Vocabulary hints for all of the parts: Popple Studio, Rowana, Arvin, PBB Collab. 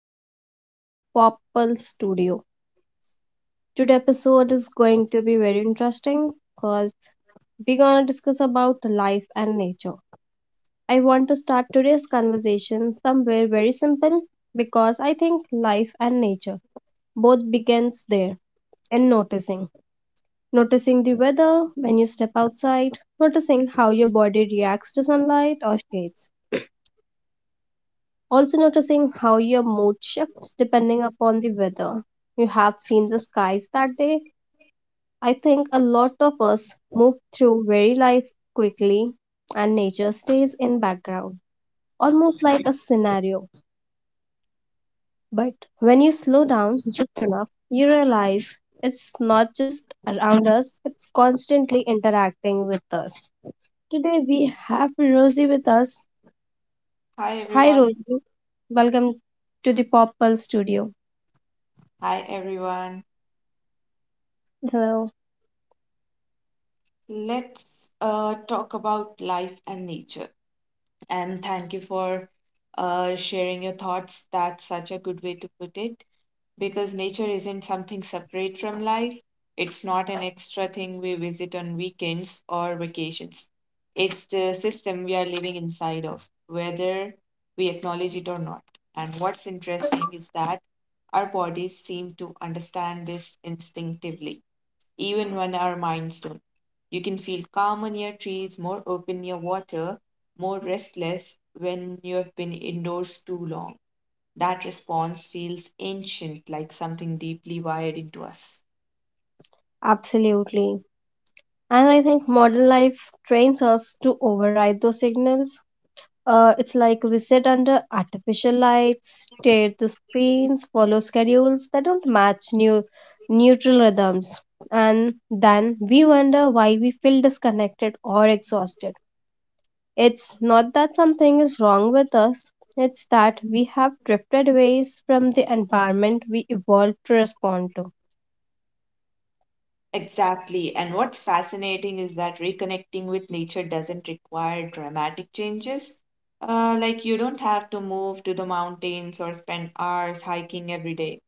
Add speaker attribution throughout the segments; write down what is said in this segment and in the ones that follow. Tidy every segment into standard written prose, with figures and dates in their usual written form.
Speaker 1: another episode of Popple Studio. Today episode is going to be very interesting because we're gonna discuss about life and nature. I want to start today's conversation somewhere very simple because I think life and nature both begins there in noticing. Noticing the weather when you step outside, noticing how your body reacts to sunlight or shades. Also, noticing how your mood shifts depending upon the weather. You have seen the skies that day. I think a lot of us move through very life quickly and nature stays in background, almost like a scenario. But when you slow down just enough, you realize it's not just around us, it's constantly interacting with us. Today we have Rosie with us.
Speaker 2: Hi
Speaker 1: Hi
Speaker 2: everyone.
Speaker 1: Rosie. Welcome to the Pop Pulse studio.
Speaker 2: Hi everyone.
Speaker 1: Hello.
Speaker 2: Let's talk about life and nature. And thank you for sharing your thoughts. That's such a good way to put it, because nature isn't something separate from life. It's not an extra thing we visit on weekends or vacations. It's the system we are living inside of, whether we acknowledge it or not. And what's interesting is that our bodies seem to understand this instinctively, even when our minds don't. You can feel calm on your trees, more open near water, more restless when you have been indoors too long. That response feels ancient, like something deeply wired into us.
Speaker 1: Absolutely. And I think modern life trains us to override those signals. It's like we sit under artificial lights, stare at the screens, follow schedules that don't match new neutral rhythms. And then we wonder why we feel disconnected or exhausted. It's not that something is wrong with us, it's that we have drifted away from the environment we evolved to respond to.
Speaker 2: Exactly. And what's fascinating is that reconnecting with nature doesn't require dramatic changes. Like, you don't have to move to the mountains or spend hours hiking every day.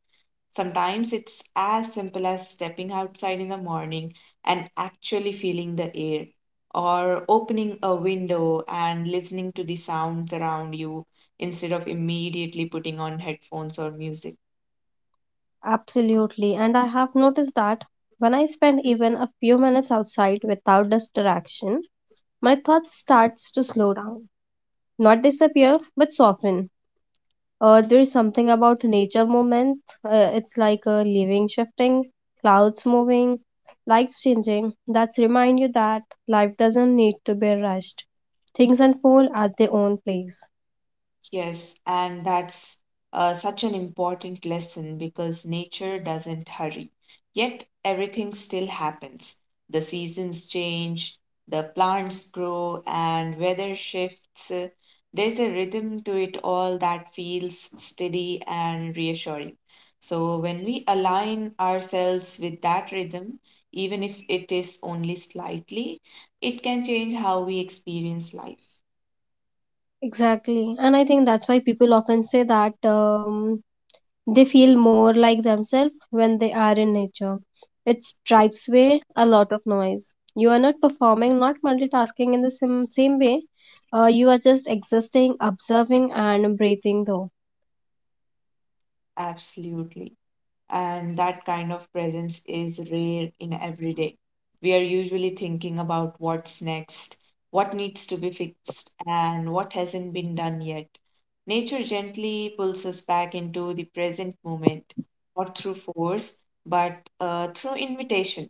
Speaker 2: Sometimes it's as simple as stepping outside in the morning and actually feeling the air, or opening a window and listening to the sounds around you instead of immediately putting on headphones or music.
Speaker 1: Absolutely, and I have noticed that when I spend even a few minutes outside without distraction, my thoughts starts to slow down, not disappear but soften. There is something about nature movement. It's like a living shifting, clouds moving, lights changing. That's remind you that life doesn't need to be rushed. Things unfold at their own place.
Speaker 2: Yes, and that's such an important lesson because nature doesn't hurry. Yet everything still happens. The seasons change, the plants grow, and weather shifts. There's a rhythm to it all that feels steady and reassuring. So when we align ourselves with that rhythm, even if it is only slightly, it can change how we experience life.
Speaker 1: Exactly, and I think that's why people often say that they feel more like themselves when they are in nature. It stripes away a lot of noise. You are not performing, not multitasking in the same way. You are just existing, observing, and breathing, though.
Speaker 2: Absolutely. And that kind of presence is rare in everyday. We are usually thinking about what's next, what needs to be fixed, and what hasn't been done yet. Nature gently pulls us back into the present moment, not through force, but through invitation.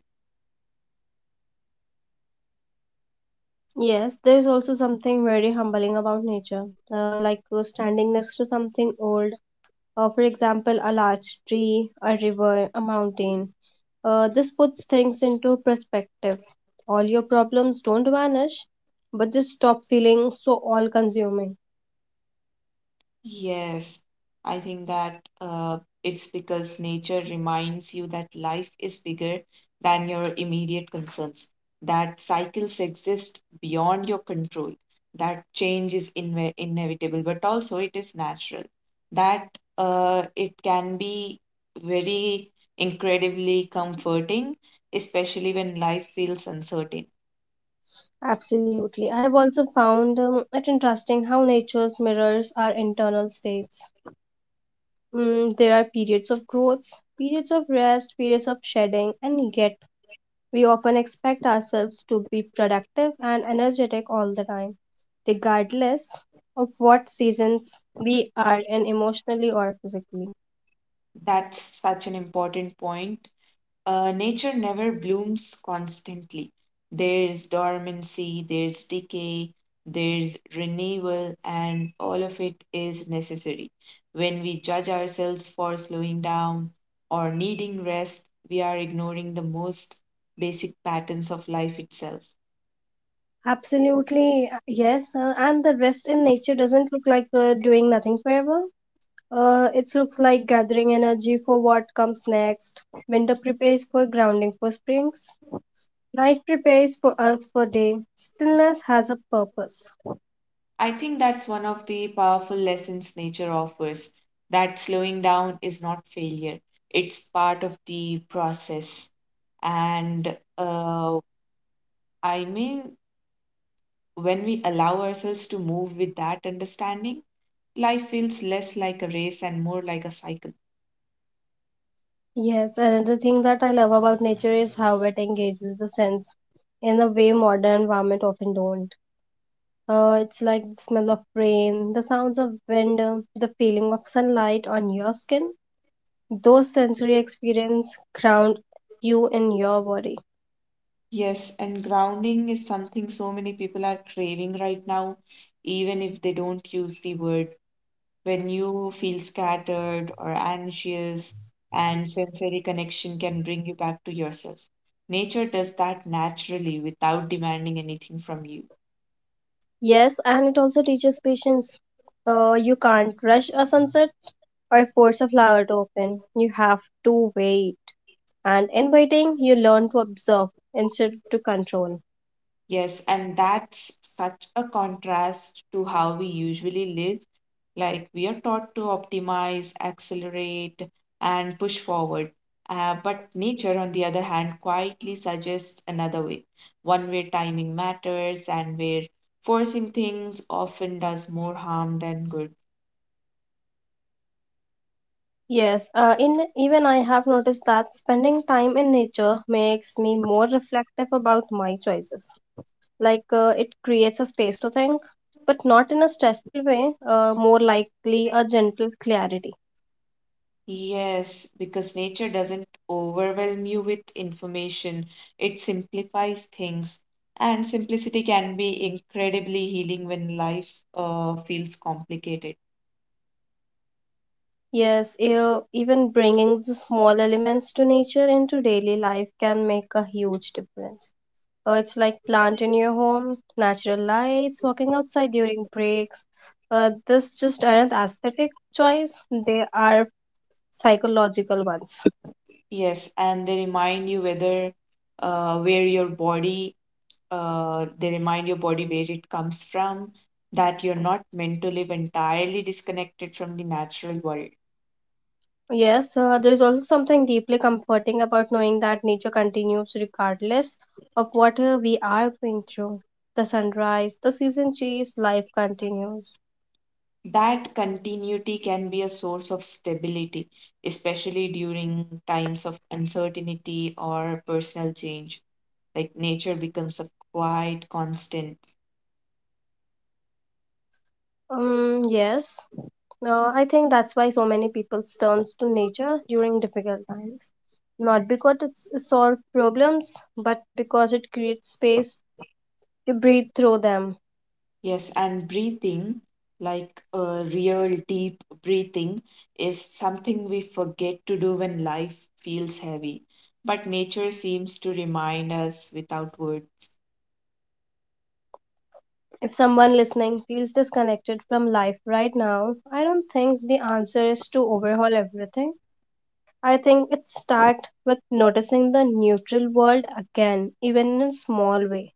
Speaker 1: Yes, there is also something very humbling about nature, like standing next to something old, for example, a large tree, a river, a mountain. This puts things into perspective. All your problems don't vanish, but just stop feeling so all consuming.
Speaker 2: Yes, I think that it's because nature reminds you that life is bigger than your immediate concerns, that cycles exist beyond your control, that change is inve inevitable, but also it is natural, that it can be very incredibly comforting, especially when life feels uncertain.
Speaker 1: Absolutely. I have also found it interesting how nature's mirrors our internal states. There are periods of growth, periods of rest, periods of shedding, and yet we often expect ourselves to be productive and energetic all the time, regardless of what seasons we are in emotionally or physically.
Speaker 2: That's such an important point. Nature never blooms constantly. There's dormancy, there's decay, there's renewal, and all of it is necessary. When we judge ourselves for slowing down or needing rest, we are ignoring the most basic patterns of life itself.
Speaker 1: Absolutely, yes. And the rest in nature doesn't look like doing nothing forever. It looks like gathering energy for what comes next. Winter prepares for grounding for springs. Night prepares for us for day. Stillness has a purpose.
Speaker 2: I think that's one of the powerful lessons nature offers, that slowing down is not failure, it's part of the process. And I mean, when we allow ourselves to move with that understanding, life feels less like a race and more like a cycle.
Speaker 1: Yes, another thing that I love about nature is how it engages the sense in a way modern environment often don't. It's like the smell of rain, the sounds of wind, the feeling of sunlight on your skin. Those sensory experience ground you in your body.
Speaker 2: Yes, and grounding is something so many people are craving right now, even if they don't use the word. When you feel scattered or anxious, and sensory connection can bring you back to yourself. Nature does that naturally without demanding anything from you.
Speaker 1: Yes, and it also teaches patience. You can't rush a sunset or force a flower to open. You have to wait. And in waiting, you learn to observe instead of to control.
Speaker 2: Yes, and that's such a contrast to how we usually live. Like we are taught to optimize, accelerate, and push forward. But nature, on the other hand, quietly suggests another way, one where timing matters and where forcing things often does more harm than good.
Speaker 1: Yes, in even I have noticed that spending time in nature makes me more reflective about my choices. Like, it creates a space to think, but not in a stressful way. More likely a gentle clarity.
Speaker 2: Yes, because nature doesn't overwhelm you with information, it simplifies things. And simplicity can be incredibly healing when life feels complicated.
Speaker 1: Yes, even bringing the small elements to nature into daily life can make a huge difference. It's like plant in your home, natural lights, walking outside during breaks. This just aren't aesthetic choice; they are psychological ones.
Speaker 2: Yes, and they remind you whether where your body, they remind your body where it comes from, that you're not meant to live entirely disconnected from the natural world.
Speaker 1: Yes, there is also something deeply comforting about knowing that nature continues regardless of what we are going through. The sunrise, the season change, life continues.
Speaker 2: That continuity can be a source of stability, especially during times of uncertainty or personal change. Like nature becomes a quiet constant.
Speaker 1: Yes, I think that's why so many people turns to nature during difficult times. Not because it solves problems, but because it creates space to breathe through them.
Speaker 2: Yes, and breathing, like a real deep breathing, is something we forget to do when life feels heavy. But nature seems to remind us without words.
Speaker 1: If someone listening feels disconnected from life right now, I don't think the answer is to overhaul everything. I think it starts with noticing the neutral world again, even in a small way.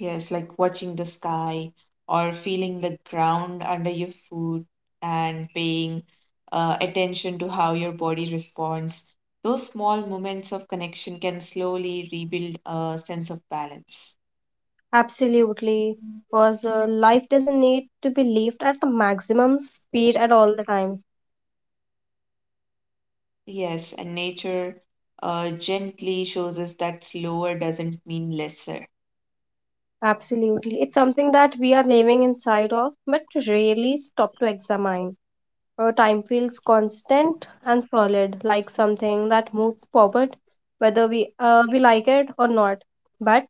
Speaker 2: Yes, like watching the sky or feeling the ground under your foot and paying attention to how your body responds. Those small moments of connection can slowly rebuild a sense of balance.
Speaker 1: Absolutely, because life doesn't need to be lived at maximum speed at all the time.
Speaker 2: Yes, and nature gently shows us that slower doesn't mean lesser.
Speaker 1: Absolutely. It's something that we are living inside of, but rarely stop to examine. Our time feels constant and solid, like something that moves forward, whether we like it or not. But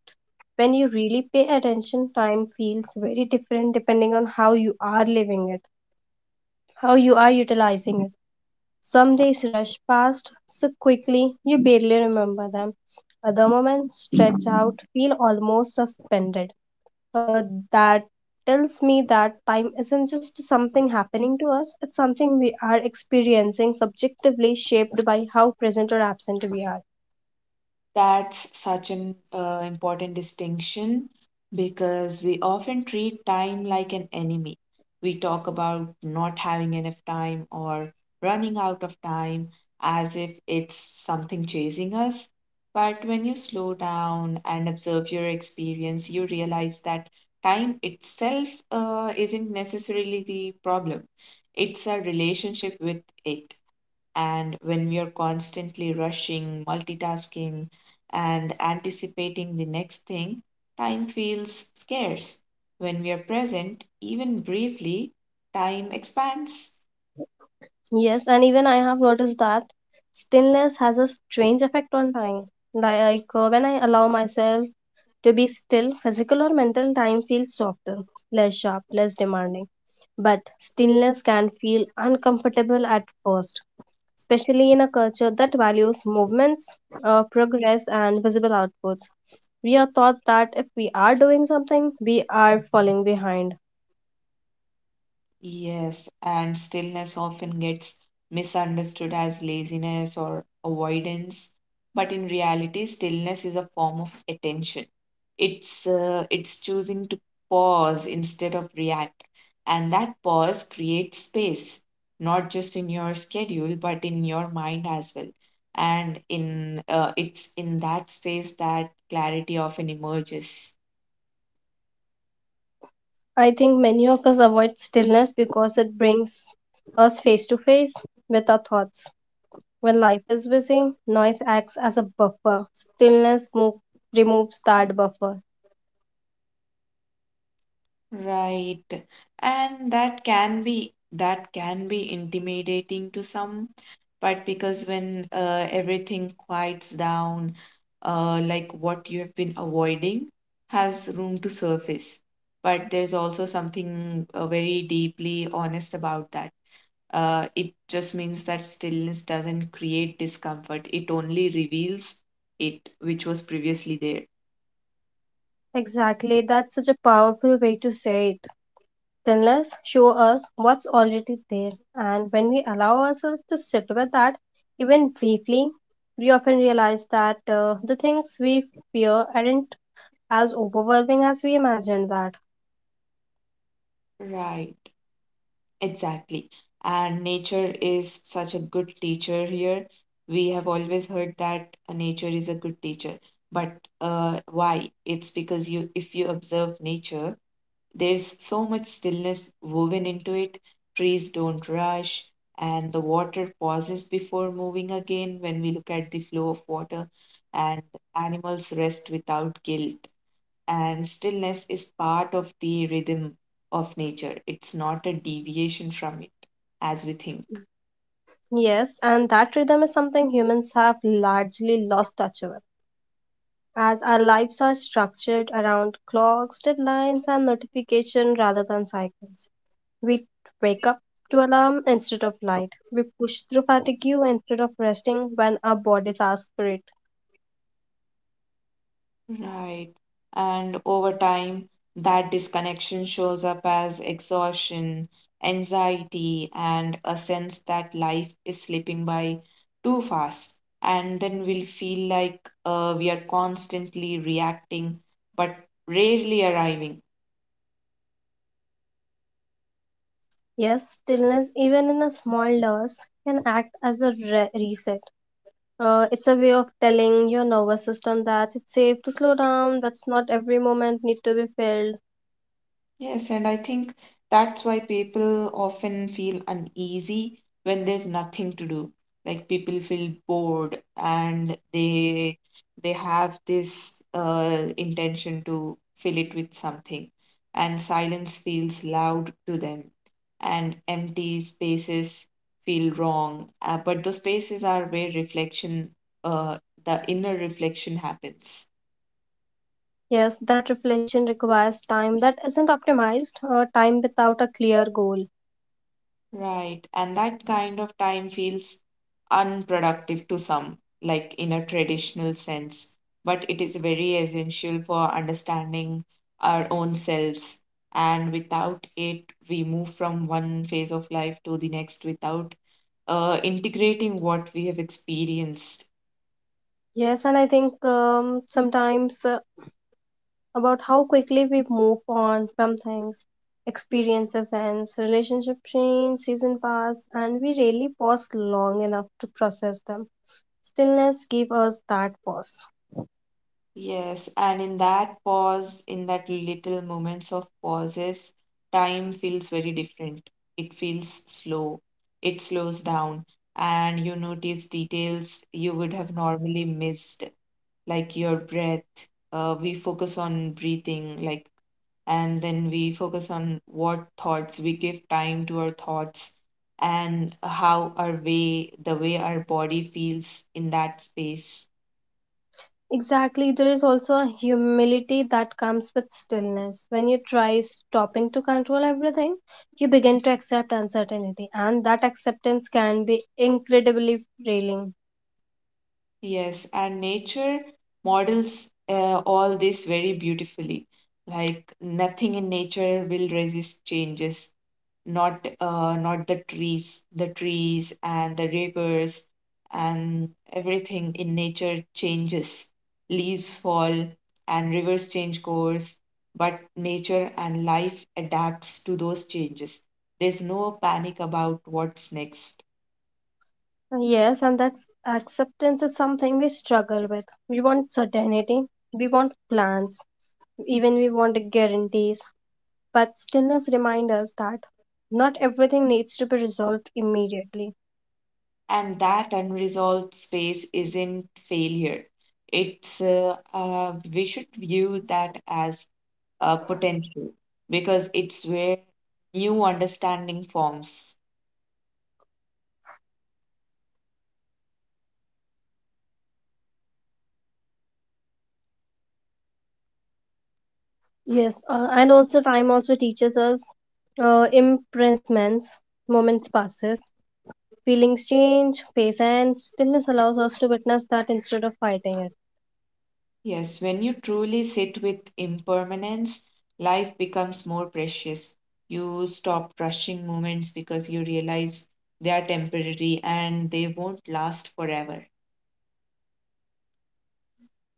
Speaker 1: when you really pay attention, time feels very different depending on how you are living it, how you are utilizing it. Some days rush past so quickly you barely remember them. Other moments stretch out, feel almost suspended uh, that tells me that time isn't just something happening to us, it's something we are experiencing subjectively, shaped by how present or absent we are.
Speaker 2: That's such an important distinction because we often treat time like an enemy. We talk about not having enough time or running out of time as if it's something chasing us. But when you slow down and observe your experience, you realize that time itself isn't necessarily the problem, it's a relationship with it. And when we are constantly rushing, multitasking, and anticipating the next thing, time feels scarce. When we are present, even briefly, time expands.
Speaker 1: Yes, and even I have noticed that stillness has a strange effect on time. Like, when I allow myself to be still, physical or mental time feels softer, less sharp, less demanding. But stillness can feel uncomfortable at first, especially in a culture that values movements, progress, and visible outputs. We are taught that if we are doing something, we are falling behind.
Speaker 2: Yes, and stillness often gets misunderstood as laziness or avoidance, but in reality, stillness is a form of attention. It's choosing to pause instead of react, and that pause creates space, not just in your schedule, but in your mind as well. And in it's in that space that clarity often emerges.
Speaker 1: I think many of us avoid stillness because it brings us face to face with our thoughts. When life is busy, noise acts as a buffer. Stillness removes that buffer.
Speaker 2: Right. And that can be intimidating to some, but because when everything quiets down, like what you have been avoiding has room to surface. But there's also something very deeply honest about that. It just means that stillness doesn't create discomfort, it only reveals it, which was previously there.
Speaker 1: Exactly, that's such a powerful way to say it. Then let's show us what's already there. And when we allow ourselves to sit with that, even briefly, we often realize that the things we fear aren't as overwhelming as we imagined that.
Speaker 2: Right, exactly. And nature is such a good teacher here. We have always heard that nature is a good teacher. But why? It's because you if you observe nature, there's so much stillness woven into it. Trees don't rush, and the water pauses before moving again when we look at the flow of water, and animals rest without guilt. And stillness is part of the rhythm of nature, it's not a deviation from it as we think.
Speaker 1: Yes, and that rhythm is something humans have largely lost touch with. As our lives are structured around clocks, deadlines, and notification rather than cycles. We wake up to alarm instead of light. We push through fatigue instead of resting when our bodies ask for it.
Speaker 2: Right. And over time, that disconnection shows up as exhaustion, anxiety, and a sense that life is slipping by too fast. And then we'll feel like we are constantly reacting, but rarely arriving.
Speaker 1: Yes, stillness, even in a small dose, can act as a reset. It's a way of telling your nervous system that it's safe to slow down, that's not every moment need to be filled.
Speaker 2: Yes, and I think that's why people often feel uneasy when there's nothing to do. Like people feel bored and they have this intention to fill it with something. And silence feels loud to them, and empty spaces feel wrong. But those spaces are where uh, the inner reflection happens.
Speaker 1: Yes, that reflection requires time that isn't optimized, time without a clear goal.
Speaker 2: Right. And that kind of time feels unproductive to some, like in a traditional sense, but it is very essential for understanding our own selves. And without it, we move from one phase of life to the next without integrating what we have experienced.
Speaker 1: Yes, and I think sometimes about how quickly we move on from things, experiences, and relationship change, season pass, and we rarely pause long enough to process them. Stillness gives us that pause.
Speaker 2: Yes, and in that pause, in that little moments of pauses, time feels very different. It feels slow. It slows down, and you notice details you would have normally missed, like your breath. We focus on breathing, like, and then we focus on what thoughts we give time to our thoughts and the way our body feels in that space.
Speaker 1: Exactly, there is also a humility that comes with stillness. When you try stopping to control everything, you begin to accept uncertainty, and that acceptance can be incredibly freeing.
Speaker 2: Yes, and nature models all this very beautifully. Like nothing in nature will resist changes. Not the trees, the trees and the rivers and everything in nature changes. Leaves fall and rivers change course, but nature and life adapts to those changes. There's no panic about what's next.
Speaker 1: Yes, and that's acceptance is something we struggle with. We want certainty, we want plans, even we want guarantees. But stillness reminds us that not everything needs to be resolved immediately.
Speaker 2: And that unresolved space isn't failure, it's we should view that as a potential because it's where new understanding forms.
Speaker 1: Yes, and also time also teaches us imprisonments, moments passes, feelings change, pace and stillness allows us to witness that instead of fighting it.
Speaker 2: Yes, when you truly sit with impermanence life becomes more precious. You stop rushing moments because you realize they are temporary and they won't last forever.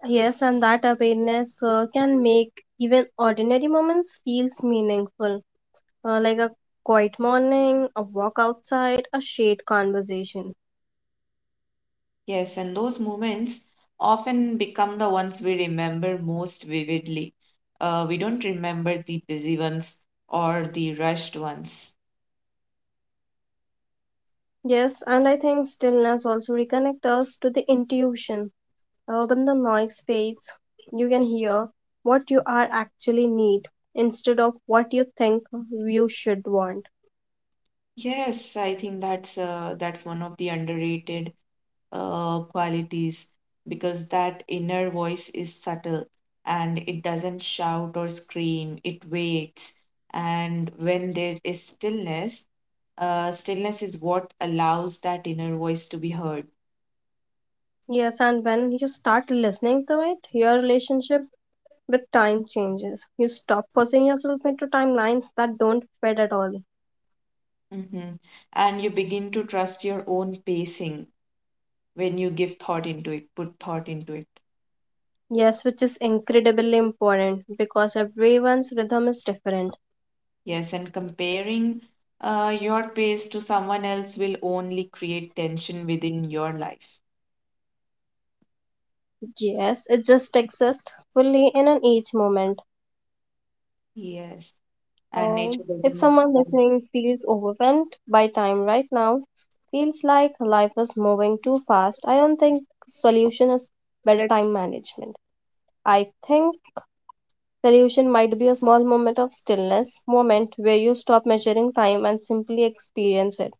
Speaker 1: Yes, and that awareness can make even ordinary moments feels meaningful. Like a quiet morning, a walk outside, a shade conversation.
Speaker 2: Yes, and those moments often become the ones we remember most vividly. We don't remember the busy ones or the rushed ones.
Speaker 1: Yes, and I think stillness also reconnects us to the intuition. When the noise fades, you can hear what you are actually need instead of what you think you should want.
Speaker 2: Yes, I think that's one of the underrated qualities because that inner voice is subtle and it doesn't shout or scream. It waits, and when there is stillness, stillness is what allows that inner voice to be heard.
Speaker 1: Yes, and when you start listening to it, your relationship with time changes. You stop forcing yourself into timelines that don't fit at all.
Speaker 2: Hmm. And you begin to trust your own pacing when you give thought into it, put thought into it.
Speaker 1: Yes, which is incredibly important because everyone's rhythm is different.
Speaker 2: Yes, and comparing your pace to someone else will only create tension within your life.
Speaker 1: Yes, it just exists fully in an each moment.
Speaker 2: Yes, and
Speaker 1: Uh,
Speaker 2: nature
Speaker 1: if
Speaker 2: doesn't.
Speaker 1: someone listening feels overwhelmed by time right now, feels like life is moving too fast, I don't think solution is better time management. I think solution might be a small moment of stillness, moment where you stop measuring time and simply experience it.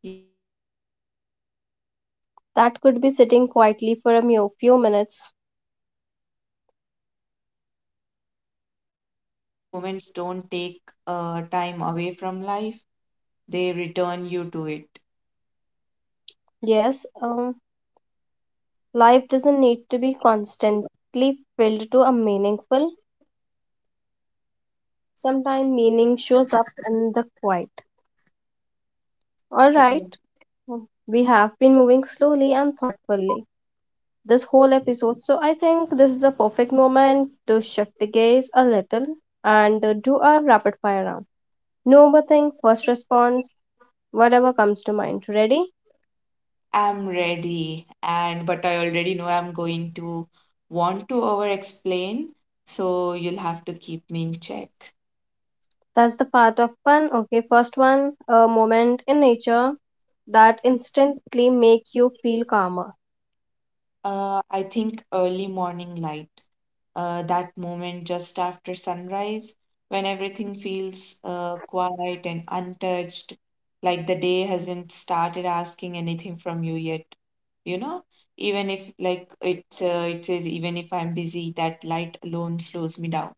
Speaker 2: Yes, that could be sitting quietly for a
Speaker 1: That could be
Speaker 2: few
Speaker 1: sitting
Speaker 2: minutes
Speaker 1: quietly
Speaker 2: or
Speaker 1: for a
Speaker 2: watching the
Speaker 1: few
Speaker 2: sky
Speaker 1: minutes.
Speaker 2: change or breathing without distraction. Those moments don't take time away from life, they return you to it.
Speaker 1: Yes, life doesn't need to be constantly filled to a meaningful. Sometimes meaning shows up in the quiet. All
Speaker 2: Yeah.
Speaker 1: right, we have been moving slowly and thoughtfully this whole episode, so I think this is a perfect moment to shift the gaze a little and do a rapid fire round. No overthink, first response, whatever comes to mind. Ready?
Speaker 2: I'm ready, and but I already know I'm going to want to over explain, so you'll have to keep me in check.
Speaker 1: That's the part of fun. Okay, first one, a moment in nature that instantly make you feel calmer.
Speaker 2: I think early morning light, that moment just after sunrise when everything feels quiet and untouched, like the day hasn't started asking anything from you yet. You know, even if like it it says, even if I'm busy, that light alone slows me down.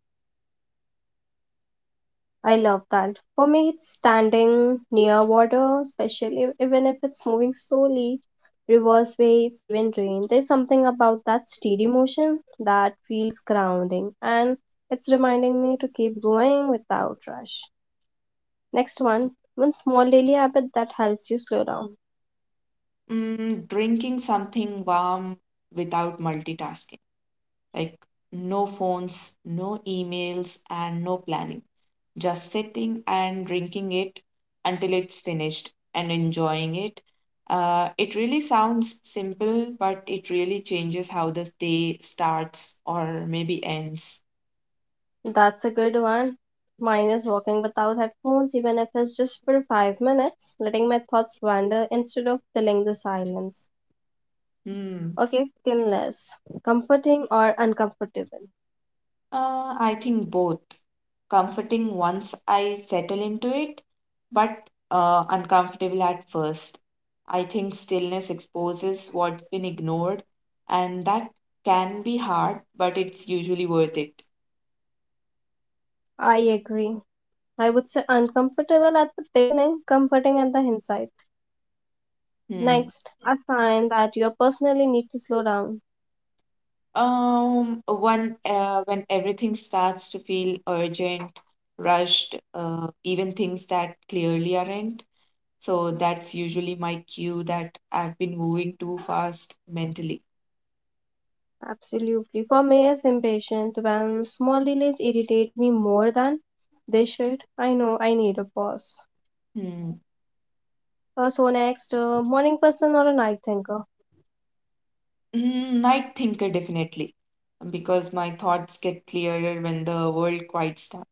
Speaker 1: I love that. For me, it's standing near water, especially even if it's moving slowly, reverse waves, even rain. There's something about that steady motion that feels grounding and it's reminding me to keep going without rush. Next one, one small daily habit that helps you slow down.
Speaker 2: Drinking something warm without multitasking. Like no phones, no emails, and no planning. Just sitting and drinking it until it's finished and enjoying it. It really sounds simple, but it really changes how this day starts or maybe ends.
Speaker 1: That's a good one. Mine is walking without headphones, even if it's just for 5 minutes, letting my thoughts wander instead of filling the silence.
Speaker 2: Hmm.
Speaker 1: Okay, painless. Comforting or uncomfortable?
Speaker 2: I think both. Comforting once I settle into it, but uncomfortable at first. I think stillness exposes what's been ignored, and that can be hard, but it's usually worth it.
Speaker 1: I agree. I would say uncomfortable at the beginning, comforting at the hindsight.
Speaker 2: Hmm.
Speaker 1: Next, I find that you personally need to slow down.
Speaker 2: One when everything starts to feel urgent, rushed, even things that clearly aren't. So that's usually my cue that I've been moving too fast mentally.
Speaker 1: Absolutely. For me, it's impatient when small delays irritate me more than they should. I know I need a pause.
Speaker 2: Hmm.
Speaker 1: So next, morning person or a night thinker?
Speaker 2: Night thinker, definitely, because my thoughts get clearer when the world quiets down.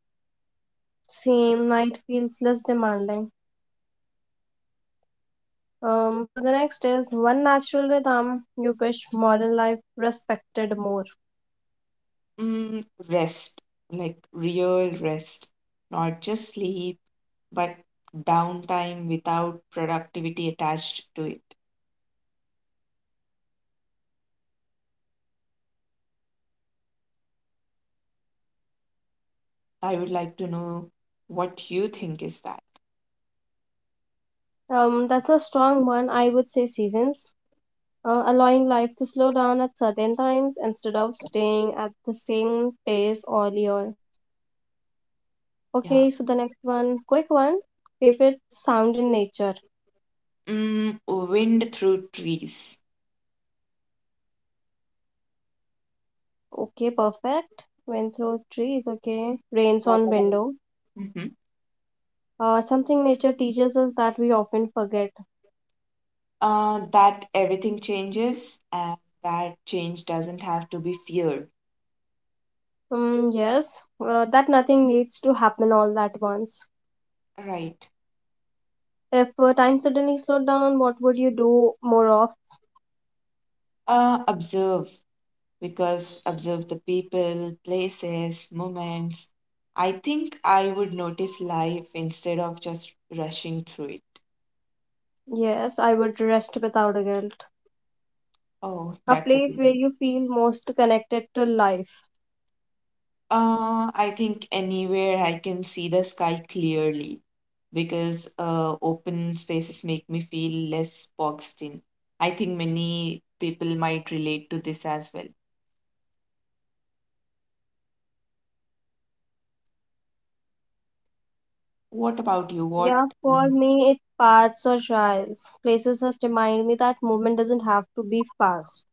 Speaker 1: Same night feels less demanding. So the next is one natural rhythm you wish modern life respected more.
Speaker 2: Mm, Rest, like real rest, not just sleep, but downtime without productivity attached to it. I would like to know what you think is that.
Speaker 1: That's a strong one. I would say seasons, allowing life to slow down at certain times instead of staying at the same pace all year.
Speaker 2: Yeah.
Speaker 1: Okay, so the next one, quick one. Favorite sound in nature.
Speaker 2: Wind through trees.
Speaker 1: Okay, perfect. Wind through trees. Okay, rains
Speaker 2: What
Speaker 1: on
Speaker 2: about?
Speaker 1: window.
Speaker 2: Hmm.
Speaker 1: Something nature teaches us that we often forget.
Speaker 2: That everything changes and that change doesn't have to be feared.
Speaker 1: Yes, that nothing needs to happen all at once.
Speaker 2: Right.
Speaker 1: If time suddenly slowed down, what would you do more of?
Speaker 2: Observe, because observe the people, places, moments. I think I would notice life instead of just rushing through it.
Speaker 1: Yes, I would rest without a guilt.
Speaker 2: Oh,
Speaker 1: A
Speaker 2: that's a
Speaker 1: place
Speaker 2: good
Speaker 1: where
Speaker 2: one.
Speaker 1: you feel most connected to life.
Speaker 2: I think anywhere I can see the sky clearly because open spaces make me feel less boxed in. I think many people might relate to this as well. What about you? What?
Speaker 1: Yeah, for me, it's paths or trails. Places that remind me that movement doesn't have to be fast.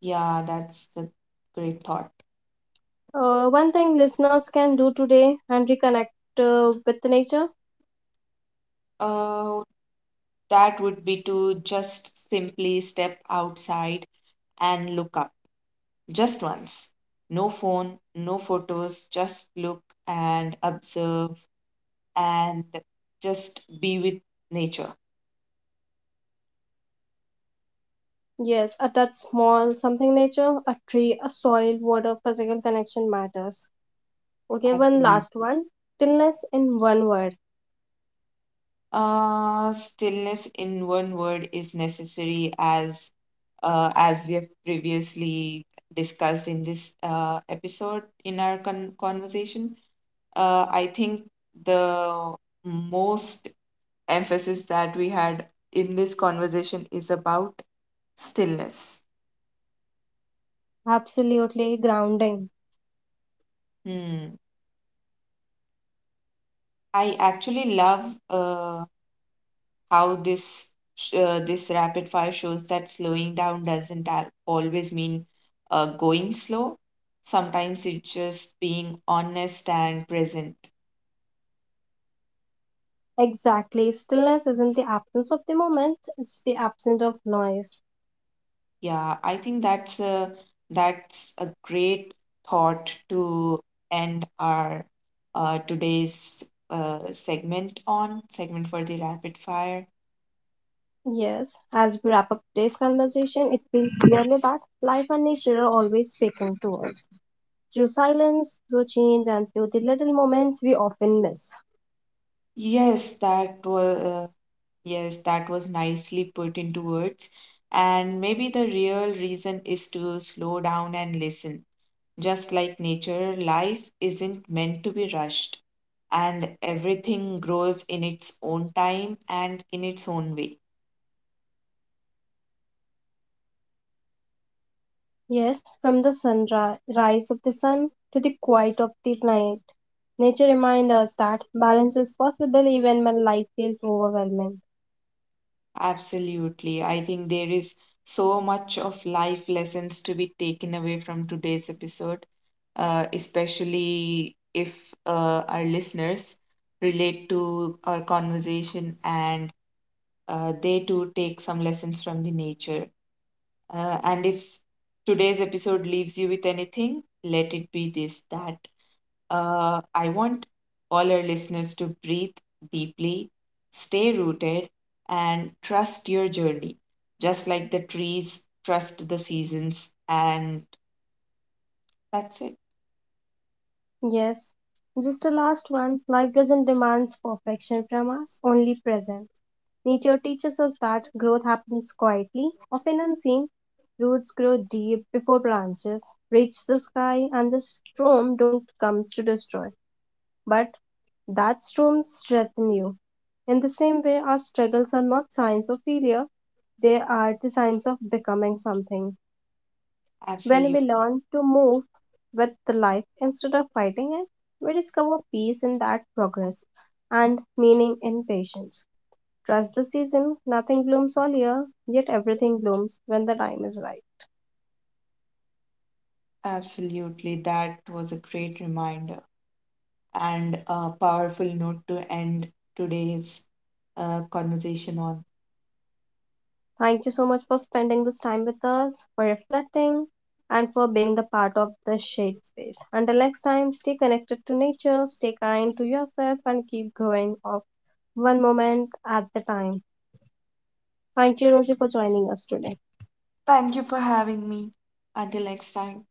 Speaker 2: Yeah, that's a great thought.
Speaker 1: One thing listeners can do today and reconnect with nature.
Speaker 2: Uh, that would be to just simply step outside and look up just once. No phone, no photos, just look and observe and just be with nature.
Speaker 1: Yes, a touch small, something nature, a tree, a soil, water, physical connection matters. Okay, one last
Speaker 2: Absolutely.
Speaker 1: one. Stillness in one word.
Speaker 2: Stillness in one word is necessary, as we have previously discussed in this episode in our conversation. I think the most emphasis that we had in this conversation is about stillness.
Speaker 1: Absolutely grounding.
Speaker 2: Hmm. I actually love how this rapid fire shows that slowing down doesn't always mean going slow. Sometimes it's just being honest and present.
Speaker 1: Exactly. Stillness isn't the absence of the moment, it's the absence of noise.
Speaker 2: Yeah, I think that's a great thought to end our today's segment for the rapid fire.
Speaker 1: Yes, as we wrap up today's conversation, it feels clearly that life and nature are always speaking to us. Through silence, through change, and through the little moments we often miss.
Speaker 2: Yes, that was uh, Yes, that was nicely put into words. And maybe the real reason is to slow down and listen. Just like nature, life isn't meant to be rushed, and everything grows in its own time and in its own way.
Speaker 1: Yes, from the sunrise of the sun to the quiet of the night, nature reminds us that balance is possible even when life feels overwhelming.
Speaker 2: Absolutely. I think there is so much of life lessons to be taken away from today's episode, especially if our listeners relate to our conversation and they too take some lessons from the nature. And if s- Today's episode leaves you with anything, let it be this, that I want all our listeners to breathe deeply, stay rooted, and trust your journey, just like the trees trust the seasons. And that's it.
Speaker 1: Yes, just the last one, life doesn't demand perfection from us, only presence. Nature teaches us that growth happens quietly, often unseen. Roots grow deep before branches reach the sky, and the storm don't comes to destroy, but that storm strengthens you. In the same way, our struggles are not signs of failure, they are the signs of becoming something. When
Speaker 2: Absolutely.
Speaker 1: we learn to move with the life instead of fighting it, we discover peace in that progress and meaning in patience. Trust the season, nothing blooms all year, yet everything blooms when the time is right.
Speaker 2: Absolutely, that was a great reminder and a powerful note to end today's conversation on.
Speaker 1: Thank you so much for spending this time with us, for reflecting, and for being the part of the shade space. Until next time, stay connected to nature, stay kind to yourself, and keep going of one moment at the time. Thank you, Rosie, for joining us today.
Speaker 2: Thank you for having me. Until next time.